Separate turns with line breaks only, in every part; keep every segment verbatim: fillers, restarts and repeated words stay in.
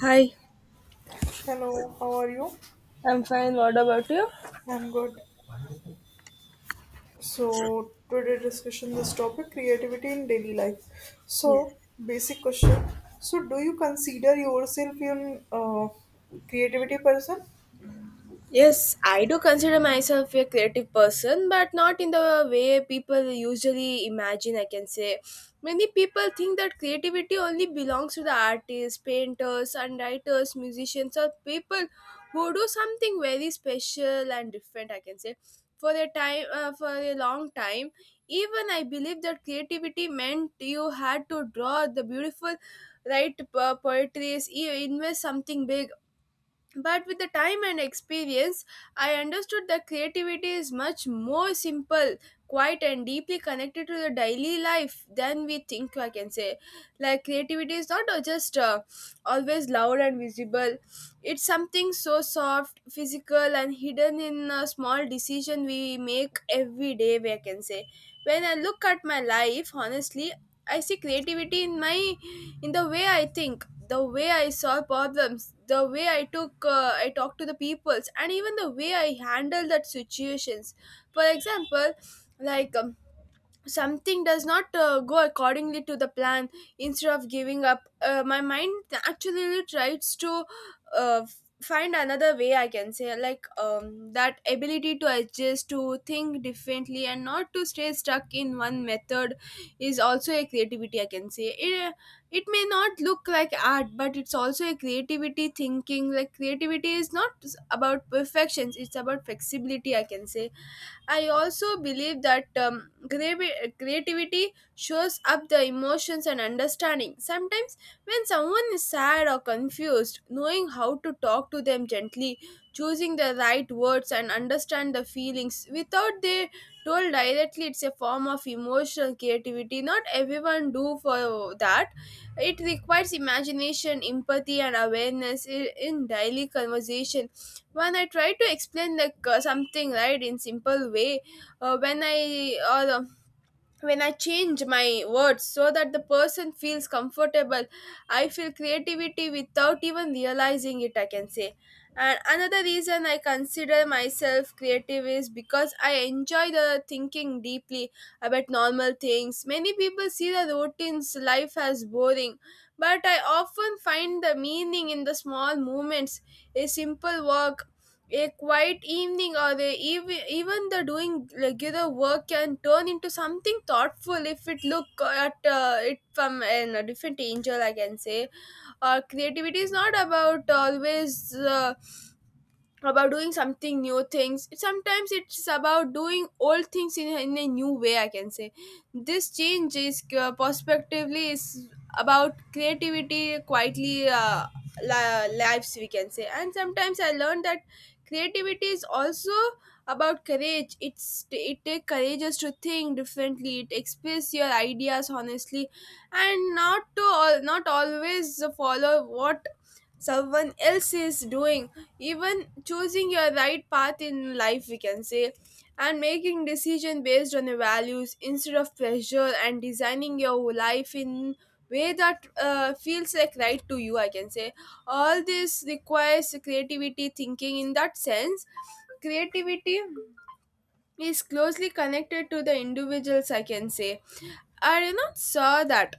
Hi.
Hello, how are you?
I'm fine. What about you?
I'm good. So today discussion this topic creativity in daily life.
Yes.
So basic question. So do you consider yourself in uh, creativity person?
Yes, I do consider myself a creative person, but not in the way people usually imagine. I can say many people think that creativity only belongs to the artists, painters, and writers, musicians, or people who do something very special and different. I can say for a time, uh, for a long time, even I believe that creativity meant you had to draw the beautiful, write po- poetries, you invest something big but with the time and experience I understood that creativity is much more simple, quiet, and deeply connected to the daily life than we think. I can say like creativity is not uh, just uh, always loud and visible. It's something so soft, physical, and hidden in a small decision we make every day. I can say when I look at my life honestly, I see creativity in my, in the way I think, the way I solve problems, the way i took uh, I talk to the peoples, and even the way I handle that situations. For example, like um, something does not uh, go accordingly to the plan. Instead of giving up, uh, my mind actually tries to uh, find another way. I can say like um, that ability to adjust, to think differently, and not to stay stuck in one method is also a creativity. I can say it, uh, it may not look like art, but it's also a creativity thinking. Like creativity is not about perfections, it's about flexibility. I can say I also believe that um, gravi- creativity shows up the emotions and understanding. Sometimes, when someone is sad or confused, knowing how to talk to them gently, choosing the right words, and understand the feelings without they told directly, it's a form of emotional creativity. Not everyone do for that. It requires imagination, empathy, and awareness i- in daily conversation, when I try to explain like uh, something right in simple way, uh, when I or um when I change my words so that the person feels comfortable, I feel creativity without even realizing it. I can say and another reason I consider myself creative is because I enjoy the thinking deeply about normal things. Many people see the routines life as boring, but I often find the meaning in the small moments: a simple walk, a quiet evening, or the ev- even the doing regular work can turn into something thoughtful if it look at uh, it from an, a different angel. I can say uh, creativity is not about always uh, about doing something new things. It- sometimes it's about doing old things in, a- in a new way. I can say this change is uh, prospectively is about creativity quietly, uh, li- lives, we can say. And sometimes I learned that creativity is also about courage. It's it takes courageous to think differently, it express your ideas honestly, and not to all, not always follow what someone else is doing, even choosing your right path in life, we can say, and making decision based on your values instead of pressure, and designing your life in way that uh, feels like right to you. I can say all this requires creativity thinking. In that sense, creativity is closely connected to the individuals. I can say I did not saw that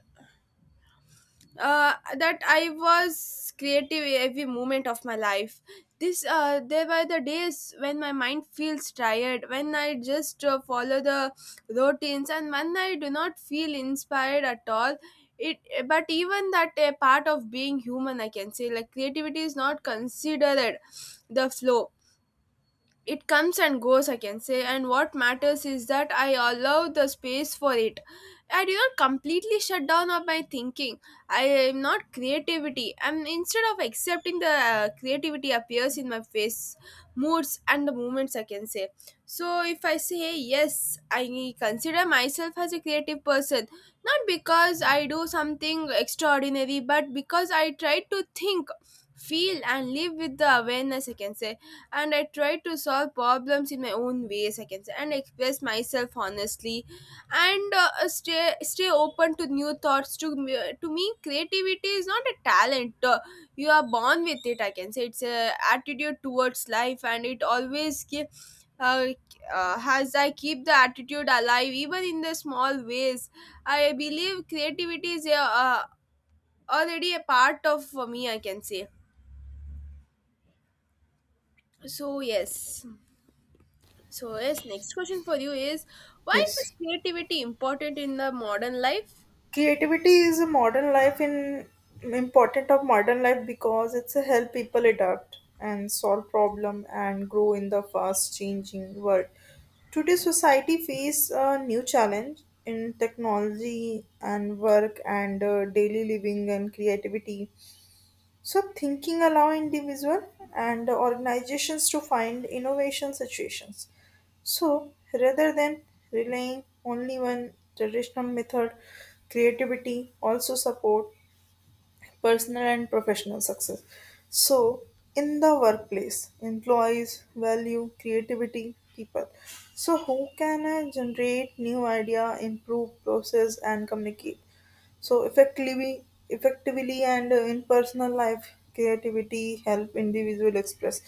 uh, that I was creative every moment of my life. This uh, There were the days when my mind feels tired, when I just uh, follow the routines, and when I do not feel inspired at all. It, but even that a part of being human, I can say, like creativity is not considered the flow, it comes and goes. I can say, and what matters is that I allow the space for it. I do not completely shut down of my thinking. I am not creativity, I'm instead of accepting the uh, creativity appears in my face, moods, and the moments. I can say so if I say yes, I consider myself as a creative person, not because I do something extraordinary, but because I try to think, feel, and live with the awareness. I can say and I try to solve problems in my own ways, I can say, and express myself honestly, and uh, uh, stay stay open to new thoughts. To me- uh, to me, creativity is not a talent. Uh, you are born with it. I can say it's a attitude towards life, and it always give. Uh, uh, as I keep the attitude alive, even in the small ways, I believe creativity is a, uh, already a part of uh, me. I can say so. Yes. So, yes, next question for you is why is this
Yes.
creativity important in the modern life?
Creativity is a modern life in important of modern life because it's a help people adapt and solve problem and grow in the fast changing world today society face a new challenge in technology and work and uh, daily living and creativity so thinking allow individual and organizations to find innovation situations. So rather than relying only on traditional method, creativity also support personal and professional success. So, in the workplace, employees value creativity, people. So, how can I generate new idea, improve process, and communicate? So, effectively, effectively, and uh, in personal life, creativity help individual express.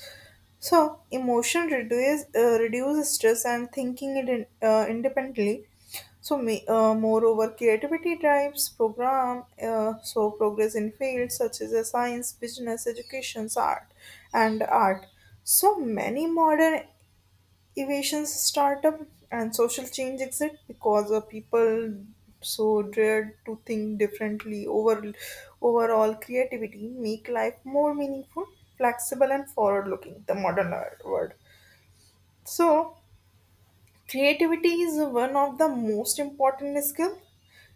So, emotion reduce uh, reduce stress and thinking it in, uh, independently so, ma- uh, moreover, creativity drives program uh, so progress in fields such as uh, science, business, education, art, and art. So many modern innovations, startup, and social change exist because uh, people so dared to think differently. Over overall, creativity make life more meaningful, flexible, and forward-looking. The modern world. So creativity is one of the most important skill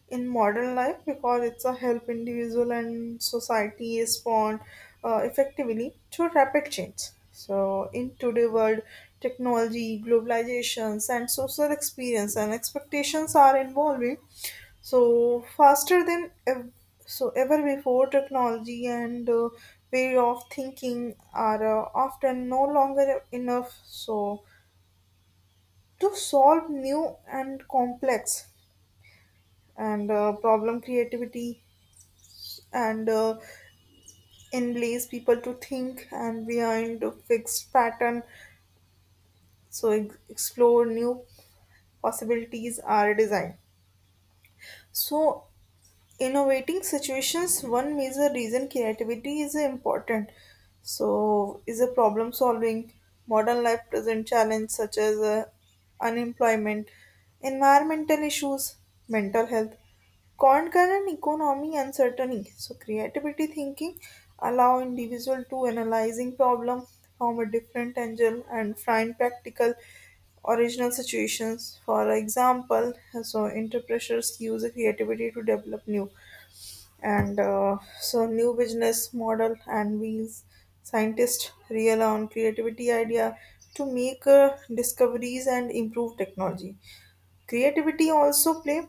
in modern life because it's a help individual and society respond uh, effectively to rapid change so in today world technology globalizations and social experience and expectations are evolving so faster than ev- so ever before technology and uh, way of thinking are uh, often no longer enough so to solve new and complex and uh, problem creativity and uh, enlace people to think and behind a fixed pattern so ex- explore new possibilities are design. So innovating situations one major reason creativity is important so is a problem solving modern life present challenge such as uh, unemployment environmental issues mental health concurrent economy uncertainty so creativity thinking allow individual to analyzing problem from a different angle and find practical original situations. For example, so entrepreneurs use creativity to develop new and uh, so new business model and wheels. Scientists rely on creativity idea to make uh, discoveries and improve technology. Creativity also play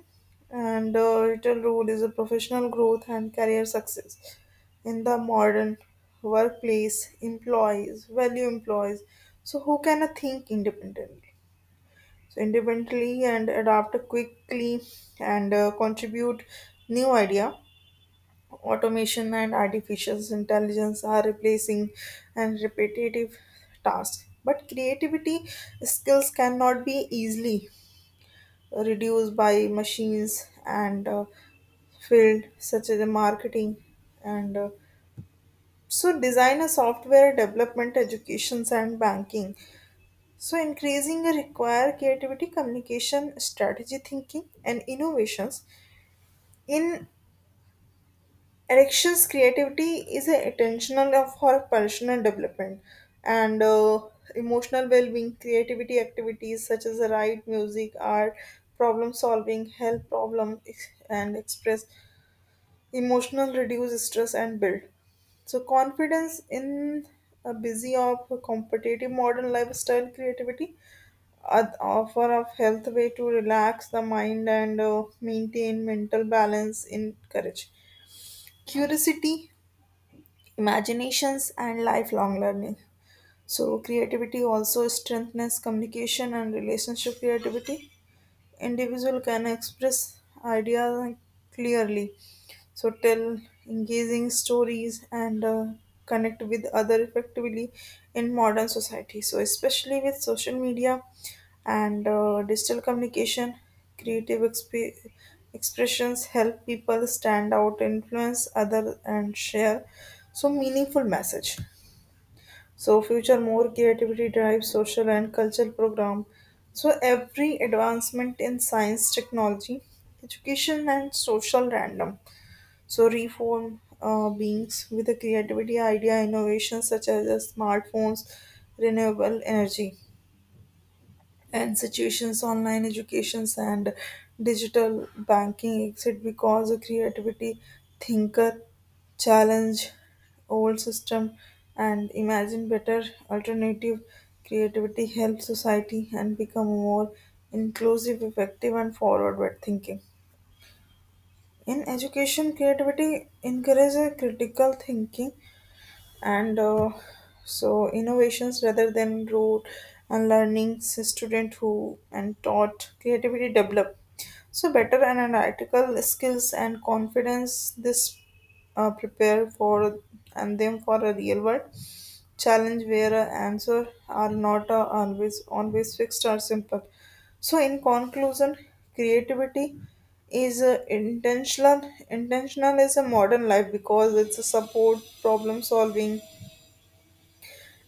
and uh, vital role is a professional growth and career success in the modern workplace. Employees value employees, so who can uh, think independently so independently and adapt quickly and uh, contribute new idea automation and artificial intelligence are replacing and repetitive tasks but creativity skills cannot be easily reduced by machines and uh, field such as the marketing and uh, so design a software development educations and banking so, increasing require creativity, communication, strategy thinking, and innovations. In elections, creativity is a intentional of for personal development and uh, emotional well-being. Creativity activities such as write, music, art, problem solving, help problem ex- and express emotional, reduce stress, and build. So confidence in a busy of competitive modern lifestyle creativity ad- offer of health way to relax the mind and uh, maintain mental balance encourage curiosity imaginations and lifelong learning so creativity also strengthens communication and relationship creativity individual can express ideas clearly so tell engaging stories and uh, connect with other effectively in modern society so especially with social media and uh, digital communication creative exp- expressions help people stand out influence other and share so meaningful message so future more creativity drives social and cultural program so every advancement in science technology education and social random so reform uh, beings with a creativity idea innovation such as the smartphones renewable energy institutions, online educations, and digital banking exist because the creativity thinker challenge old system and imagine better alternative. Creativity helps society and become more inclusive, effective, and forward-thinking. In education, creativity encourages critical thinking and uh, so innovations rather than rote and learnings student who and taught creativity develop so better analytical skills and confidence this uh, prepare for and them for a real world challenge where uh, answer are not uh, always always fixed or simple so in conclusion creativity is uh, intentional intentional is a modern life because it's a support problem solving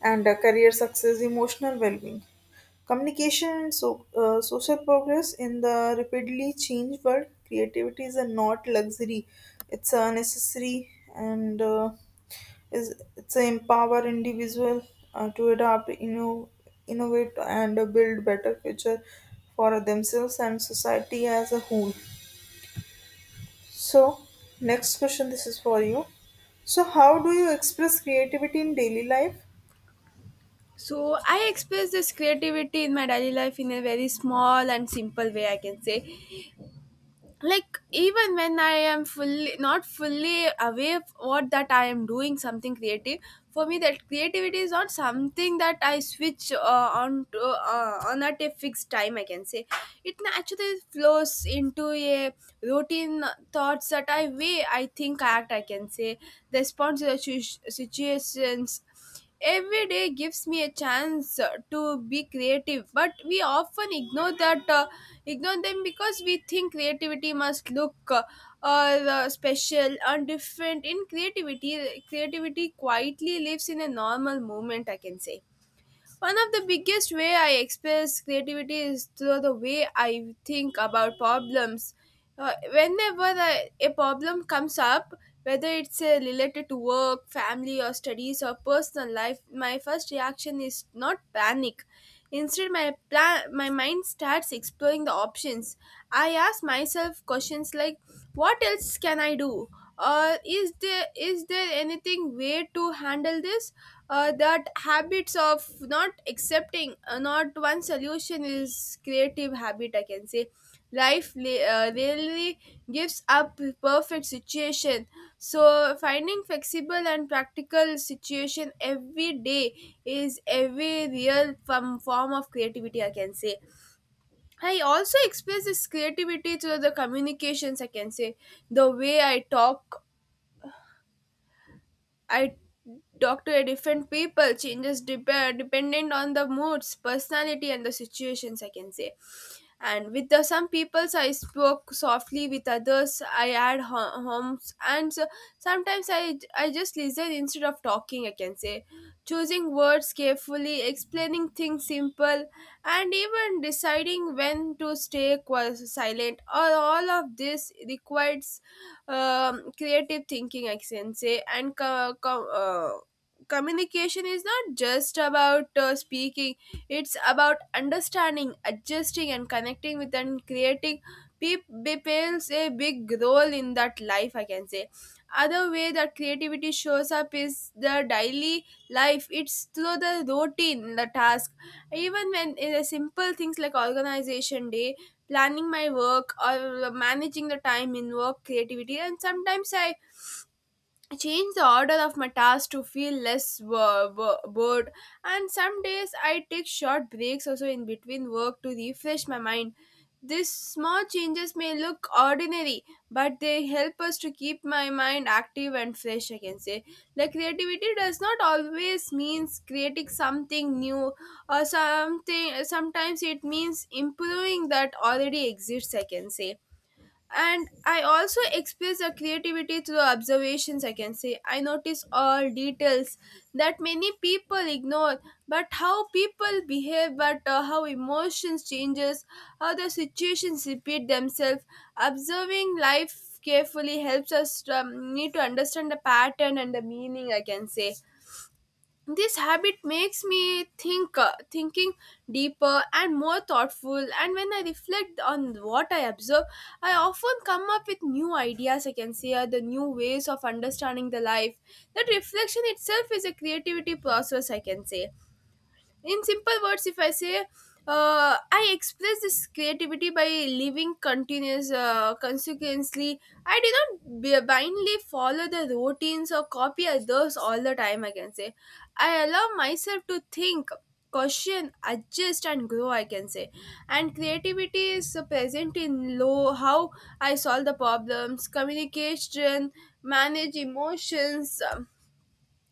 and uh, career success, emotional well-being. Communication and so, uh, social progress in the rapidly changed world, creativity is a not luxury; it's a necessary and uh, is it's a empower individual uh, to adapt, inno- innovate, and uh, build better future for themselves and society as a whole. So, next question, this is for you. So, how do you express creativity in daily life?
So, I express this creativity in my daily life in a very small and simple way, I can say. Like even when I am fully, not fully aware of what that I am doing something creative. For me, that creativity is not something that I switch uh, on to uh, on at a fixed time. I can say it naturally flows into a routine, thoughts that I weigh, I think, act. I can say the response to the situ- situations. Every day gives me a chance uh, to be creative, but we often ignore that, uh, ignore them because we think creativity must look uh, uh, special and different. In creativity, creativity quietly lives in a normal moment. I can say. One of the biggest way I express creativity is through the way I think about problems. Uh, whenever a, a problem comes up, whether it's uh, related to work, family, or studies, or personal life, my first reaction is not panic. Instead, my, plan, my mind starts exploring the options. I ask myself questions like, what else can I do? Or is there is there anything way to handle this? Uh, that habits of not accepting, uh, not one solution is creative habit. I can say life li- uh, really gives up perfect situation. So finding flexible and practical situation every day is every real form form of creativity. I can say. I also express this creativity through the communications. I can say the way I talk, I talk to a different people changes dep- dependent on the moods, personality, and the situations. I can say, and with the, some peoples I spoke softly, with others I had ho- homes, and so, sometimes I I just listen instead of talking. I can say, choosing words carefully, explaining things simple, and even deciding when to stay qu- silent. All all of this requires um, creative thinking, I can say, and co- co- uh, communication is not just about uh, speaking; it's about understanding, adjusting, and connecting with and creating. Pe- pe- plays a big role in that life, I can say. Other way that creativity shows up is the daily life. It's through the routine, the task. Even when in the simple things like organization day, planning my work or managing the time in work, creativity. And sometimes I change the order of my tasks to feel less wo- wo- bored, and some days I take short breaks also in between work to refresh my mind. These small changes may look ordinary, but they help us to keep my mind active and fresh. I can say like creativity does not always means creating something new or something. Sometimes it means improving that already exists. I can say and I also express the creativity through observations. I can say I notice all details that many people ignore, but how people behave, but uh, how emotions changes, how the situations repeat themselves. Observing life carefully helps us to, um, need to understand the pattern and the meaning. I can say this habit makes me think, uh, thinking deeper and more thoughtful, and when I reflect on what I observe, I often come up with new ideas. I can say uh, the new ways of understanding the life, that reflection itself is a creativity process. I can say in simple words if I say, uh, I express this creativity by living continuous, uh, consequently. I do not b- blindly follow the routines or copy others all the time. I can say I allow myself to think, question, adjust, and grow. I can say and creativity is present in low how I solve the problems, communication, manage emotions, um,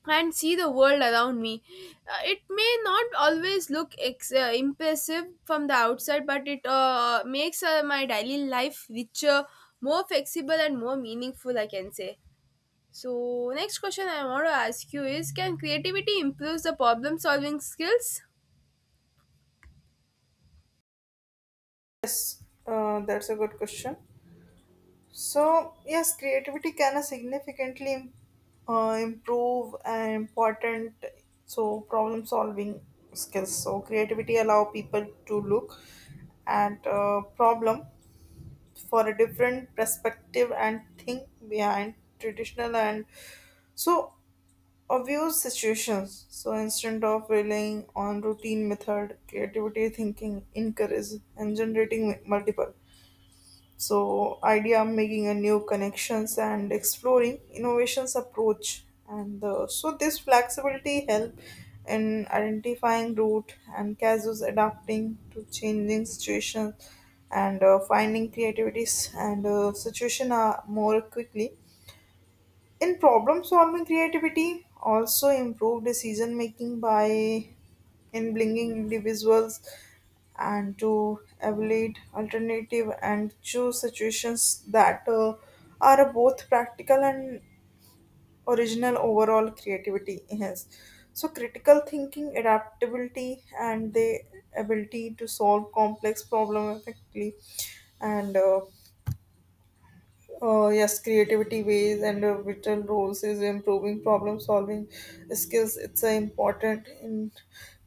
and see the world around me. Uh, it may not always look ex- uh, impressive from the outside, but it uh, makes uh, my daily life richer, more flexible, and more meaningful, I can say. So, next question I want to ask you is can creativity improve the problem solving skills?
Yes, uh, that's a good question. So, yes, creativity can uh, significantly im- uh, improve and important so problem solving skills. So, creativity allow people to look at a problem for a different perspective and think behind traditional and so obvious situations. So, instead of relying on routine method, creativity thinking encourages and generating multiple so idea making a new connections and exploring innovations approach and uh, so this flexibility help in identifying route and casus adapting to changing situations and uh, finding creativities and uh, situation uh, more quickly in problem solving, creativity also improved decision making by enabling individuals and to evaluate alternative and choose situations that uh, are both practical and original overall creativity yes so critical thinking adaptability and the ability to solve complex problem effectively and uh, uh, yes creativity ways and uh, written rules is improving problem solving skills it's uh, important in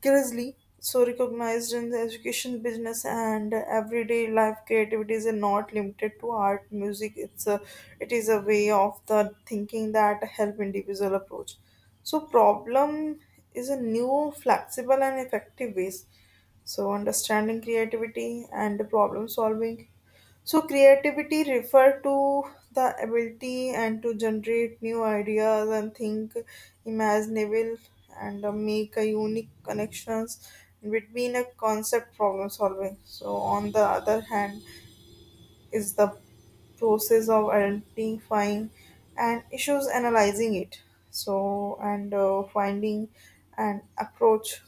curiously so recognized in the education business and everyday life creativity is uh, not limited to art music it's a it is a way of the thinking that help individual approach so problem is a new flexible and effective ways so understanding creativity and problem solving so creativity refer to the ability and to generate new ideas and think imaginable and uh, make a unique connections between a concept problem solving. So on the other hand is the process of identifying and issues analyzing it so and uh, finding an approach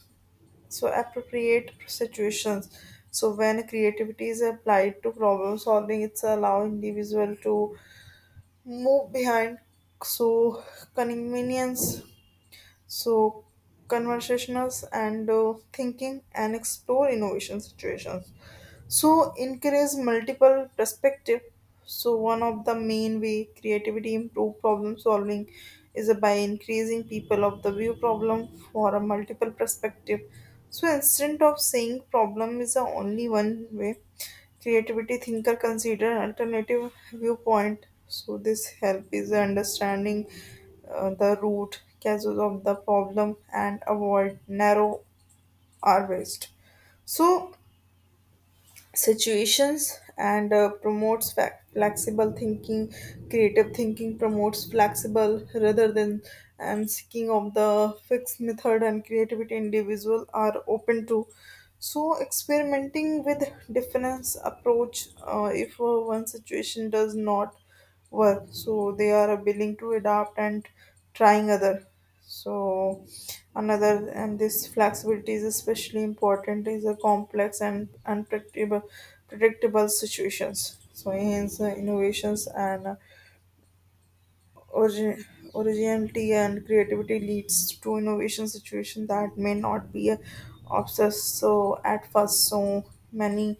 so appropriate situations so when creativity is applied to problem solving it's allow individual to move behind so convenience so conversationals and uh, thinking and explore innovation situations so encourage multiple perspective. So one of the main way creativity improve problem solving is by increasing people of the view problem for a multiple perspective. So instead of saying problem is the only one way, creativity thinker consider alternative viewpoint. So this help is understanding uh, the root causes of the problem and avoid narrow or waste. So situations and uh, promotes fac- flexible thinking creative thinking promotes flexible rather than um, seeking of the fixed method and creativity individual are open to so experimenting with different approach uh, if uh, one situation does not work so they are willing to adapt and trying other so another and this flexibility is especially important is a complex and unpredictable predictable situations. So hence uh, innovations and uh, origin, originality and creativity leads to innovation situation that may not be uh, obsessed so at first so many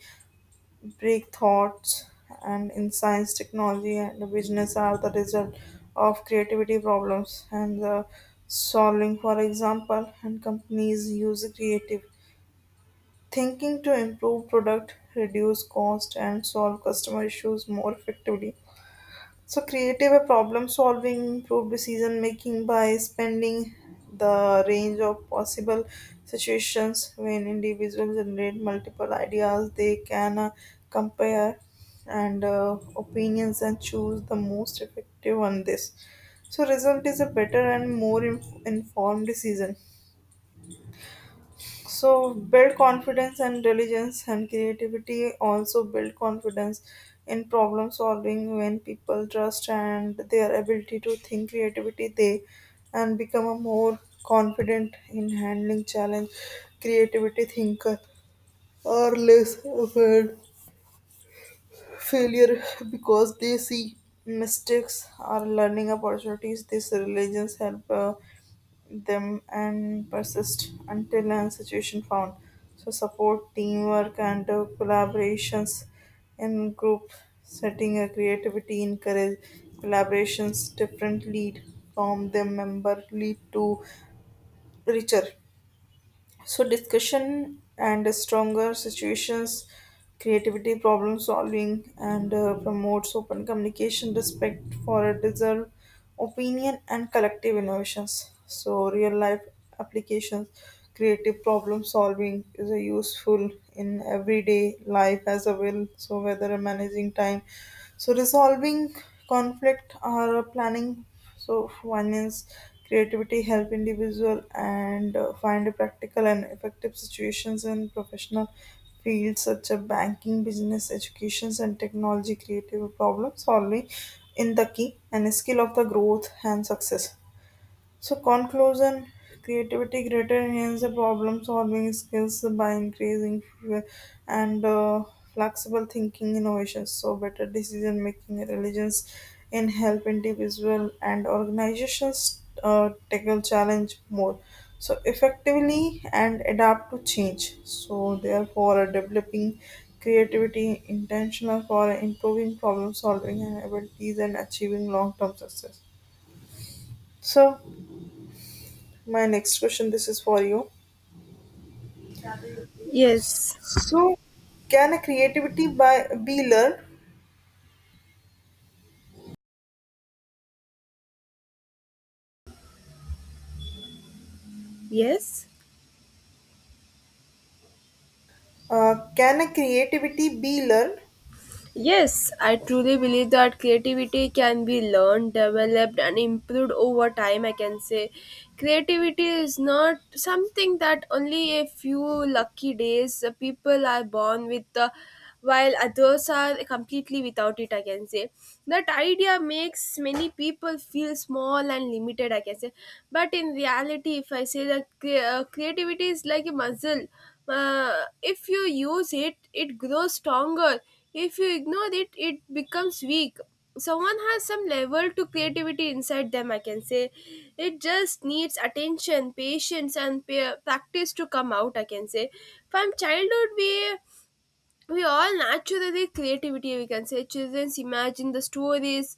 break thoughts and insights, technology and the business are the result of creativity problems and the solving, for example, and companies use creative thinking to improve product, reduce cost and solve customer issues more effectively. So creative problem solving, improved decision making by spending the range of possible situations when individuals generate multiple ideas, they can uh, compare and uh, opinions and choose the most effective on this. So result is a better and more in- informed decision. So build confidence and diligence and creativity also build confidence in problem solving when people trust and their ability to think creativity they and become a more confident in handling challenge creativity thinker are less afraid failure because they see mistakes are learning opportunities this religions help uh, them and persist until an institution found. So support teamwork and uh, collaborations in group setting a creativity encourage collaborations different lead from the member lead to richer so discussion and stronger situations, creativity, problem solving, and uh, promotes open communication, respect for a deserved opinion, and collective innovations. So real life applications, creative problem solving is a useful in everyday life as a will. So whether managing time, so resolving conflict or planning so finance creativity help individual and uh, find practical and effective situations in professional fields such as banking, business, educations, and technology. Creative problem solving in the key and skill of the growth and success. So, conclusion creativity greater enhance the problem solving skills by increasing f- and uh, flexible thinking innovations. So, better decision making intelligence in help individual and organizations uh, tackle challenge more so effectively and adapt to change. So, therefore, developing creativity intentional for improving problem solving and abilities and achieving long term success. So, my next question, this is for you.
Yes,
So, can a creativity by be learned?
yes.
Uh, can a creativity be learned?
Yes, I truly believe that creativity can be learned, developed, and improved over time. I can say creativity is not something that only a few lucky days uh, people are born with, uh, while others are completely without it. I can say that idea makes many people feel small and limited. I can say, but in reality, if I say that cre- uh, creativity is like a muscle. Uh, if you use it, it grows stronger. If you ignore it, it becomes weak. Someone has some level to creativity inside them, I can say. It just needs attention, patience, and pa- practice to come out, I can say. From childhood, we we all naturally creativity, we can say, children imagine the stories,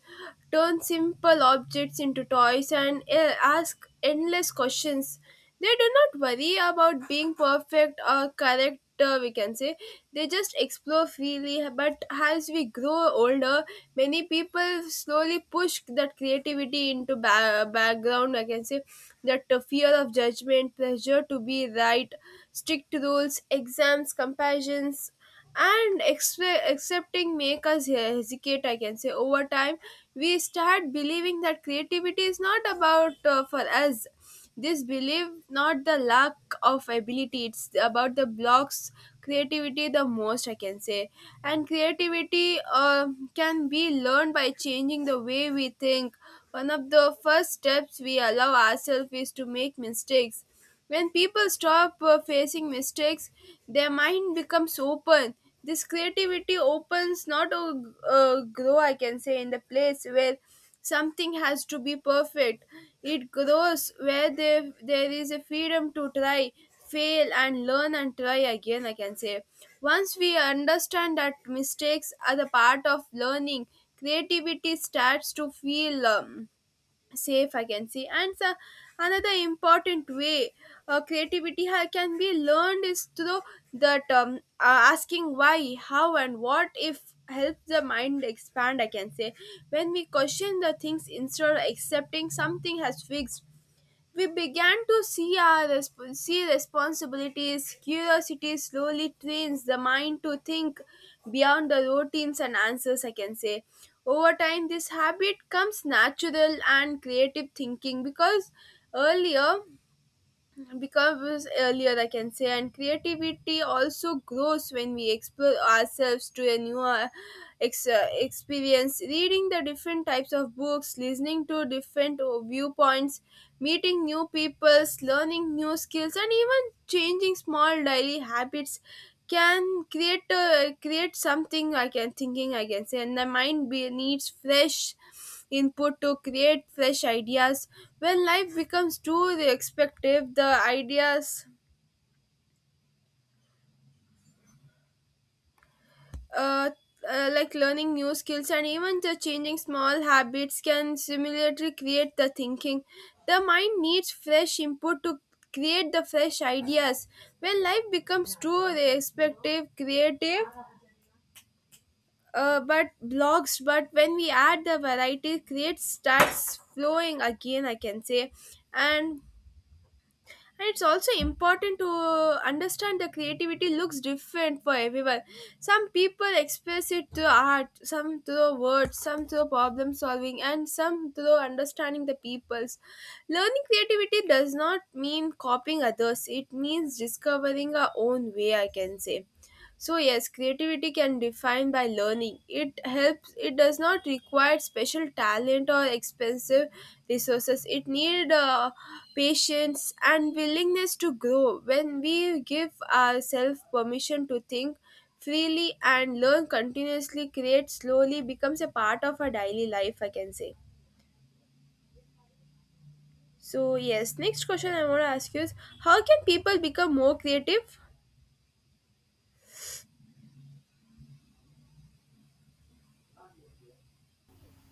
turn simple objects into toys, and eh, ask endless questions. They do not worry about being perfect or correct, uh, we can say. They just explore freely, but as we grow older, many people slowly push that creativity into ba- background, I can say, that the fear of judgment, pressure to be right, strict rules, exams, comparisons, and expe- accepting make us he- hesitate, I can say. Over time we start believing that creativity is not about uh, for us. This belief, not the lack of ability, it's about the blocks creativity the most, I can say. And creativity uh, can be learned by changing the way we think. One of the first steps we allow ourselves is to make mistakes. When people stop uh, facing mistakes, their mind becomes open. This creativity opens, not a uh, grow, I can say, in the place where something has to be perfect. It grows where there, there is a freedom to try, fail, and learn and try again, I can say. Once we understand that mistakes are the part of learning, creativity starts to feel. Um, safe, I can say. And so another important way uh, creativity ha- can be learned is through that um, uh, asking why, how, and what if helps the mind expand, I can say. When we question the things instead of accepting something as fixed, we began to see our resp- see responsibilities. Curiosity slowly trains the mind to think beyond the routines and answers, I can say. Over time this habit comes natural and creative thinking, because earlier becomes earlier, I can say. And creativity also grows when we explore ourselves to a new uh, ex- uh, experience, reading the different types of books, listening to different uh, viewpoints, meeting new peoples, learning new skills, and even changing small daily habits can create uh, create something, I can thinking, I can say. And the mind be, needs fresh input to create fresh ideas. When life becomes too expectative, the ideas uh, uh, like learning new skills and even the changing small habits can similarly create the thinking. The mind needs fresh input to create the fresh ideas. When life becomes too respective, creative, uh, but blocks, but when we add the variety, create starts flowing again, I can say. And and it's also important to understand the creativity looks different for everyone. Some people express it through art, some through words, some through problem solving, and some through understanding the peoples. Learning creativity does not mean copying others, it means discovering our own way, I can say. So yes, creativity can define by learning. It helps. It does not require special talent or expensive resources. It need uh, patience and willingness to grow. When we give ourselves permission to think freely and learn continuously, create slowly becomes a part of our daily life, I can say. So yes, next question I want to ask you is how can people become more creative?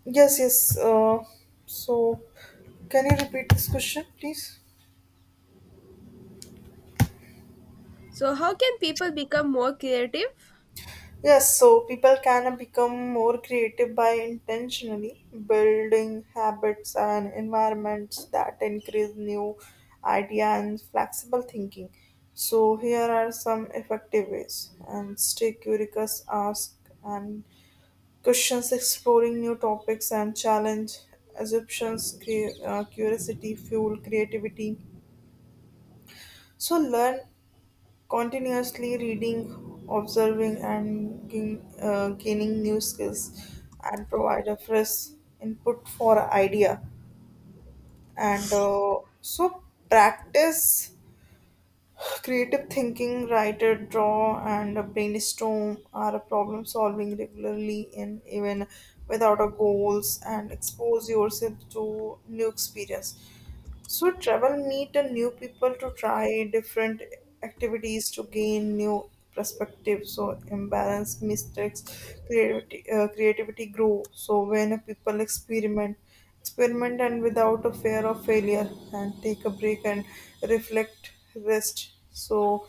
Yes, yes. Uh, so, can you repeat this question, please?
So how can people become more creative?
Yes, so people can become more creative by intentionally building habits and environments that increase new idea and flexible thinking. So here are some effective ways and stay curious, ask and questions exploring new topics and challenge assumptions cre- uh, curiosity fuel creativity so learn continuously reading observing and gain, uh, gaining new skills and provide a fresh input for idea and uh, so practice creative thinking, writer, draw, and brainstorm are problem solving regularly and even without a goals and expose yourself to new experience. So travel meet a new people to try different activities to gain new perspectives. So imbalance mistakes, creativity, uh, creativity grow. So when a people experiment, experiment and without a fear of failure, and take a break and reflect, rest. So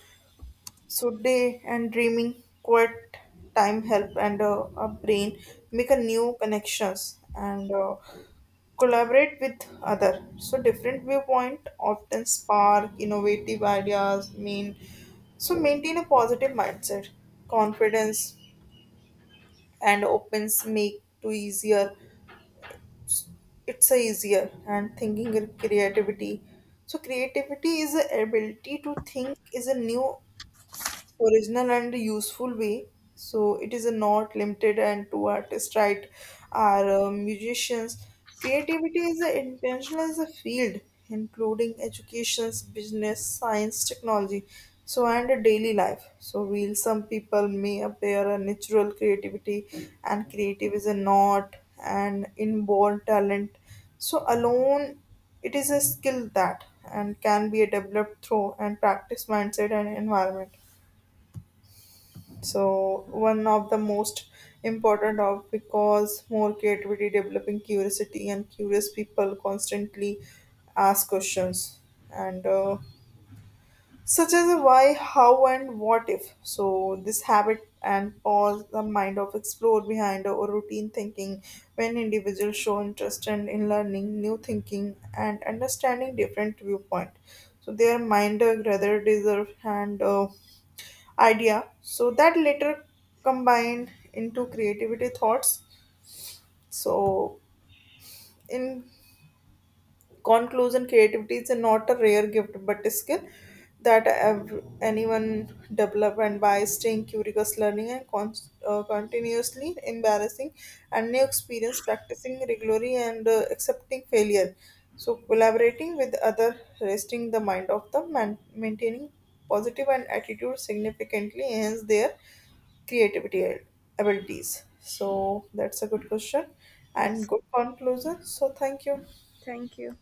so day and dreaming, quiet time help and uh, our brain make a new connections and uh, collaborate with other. So different viewpoint often spark innovative ideas. Mean so maintain a positive mindset, confidence and opens make to easier. It's a easier and thinking and creativity. So creativity is the ability to think is a new original and useful way. So it is not limited and to artists, right? Or uh, musicians. Creativity is a intentional as a field, including educations, business, science, technology, so and a daily life. So while some people may appear a natural creativity and creative is a not an inborn talent. So alone it is a skill that and can be developed through and practice mindset and environment so one of the most important of because more creativity, developing curiosity, and curious people constantly ask questions and uh, such as a why, how, and what if. So this habit and pause the mind of explore behind or routine thinking when individuals show interest and in learning new thinking and understanding different viewpoint so their mind uh, rather deserve and uh, idea so that later combined into creativity thoughts so in conclusion creativity is not a rare gift but a skill that ev- anyone develop and by staying curious learning and con- uh, continuously embarrassing and new experience practicing regularly and uh, accepting failure so collaborating with other resting the mind of the man maintaining positive and attitude significantly enhance their creativity and abilities so that's a good question and
Yes,
good conclusion so thank you.
thank you.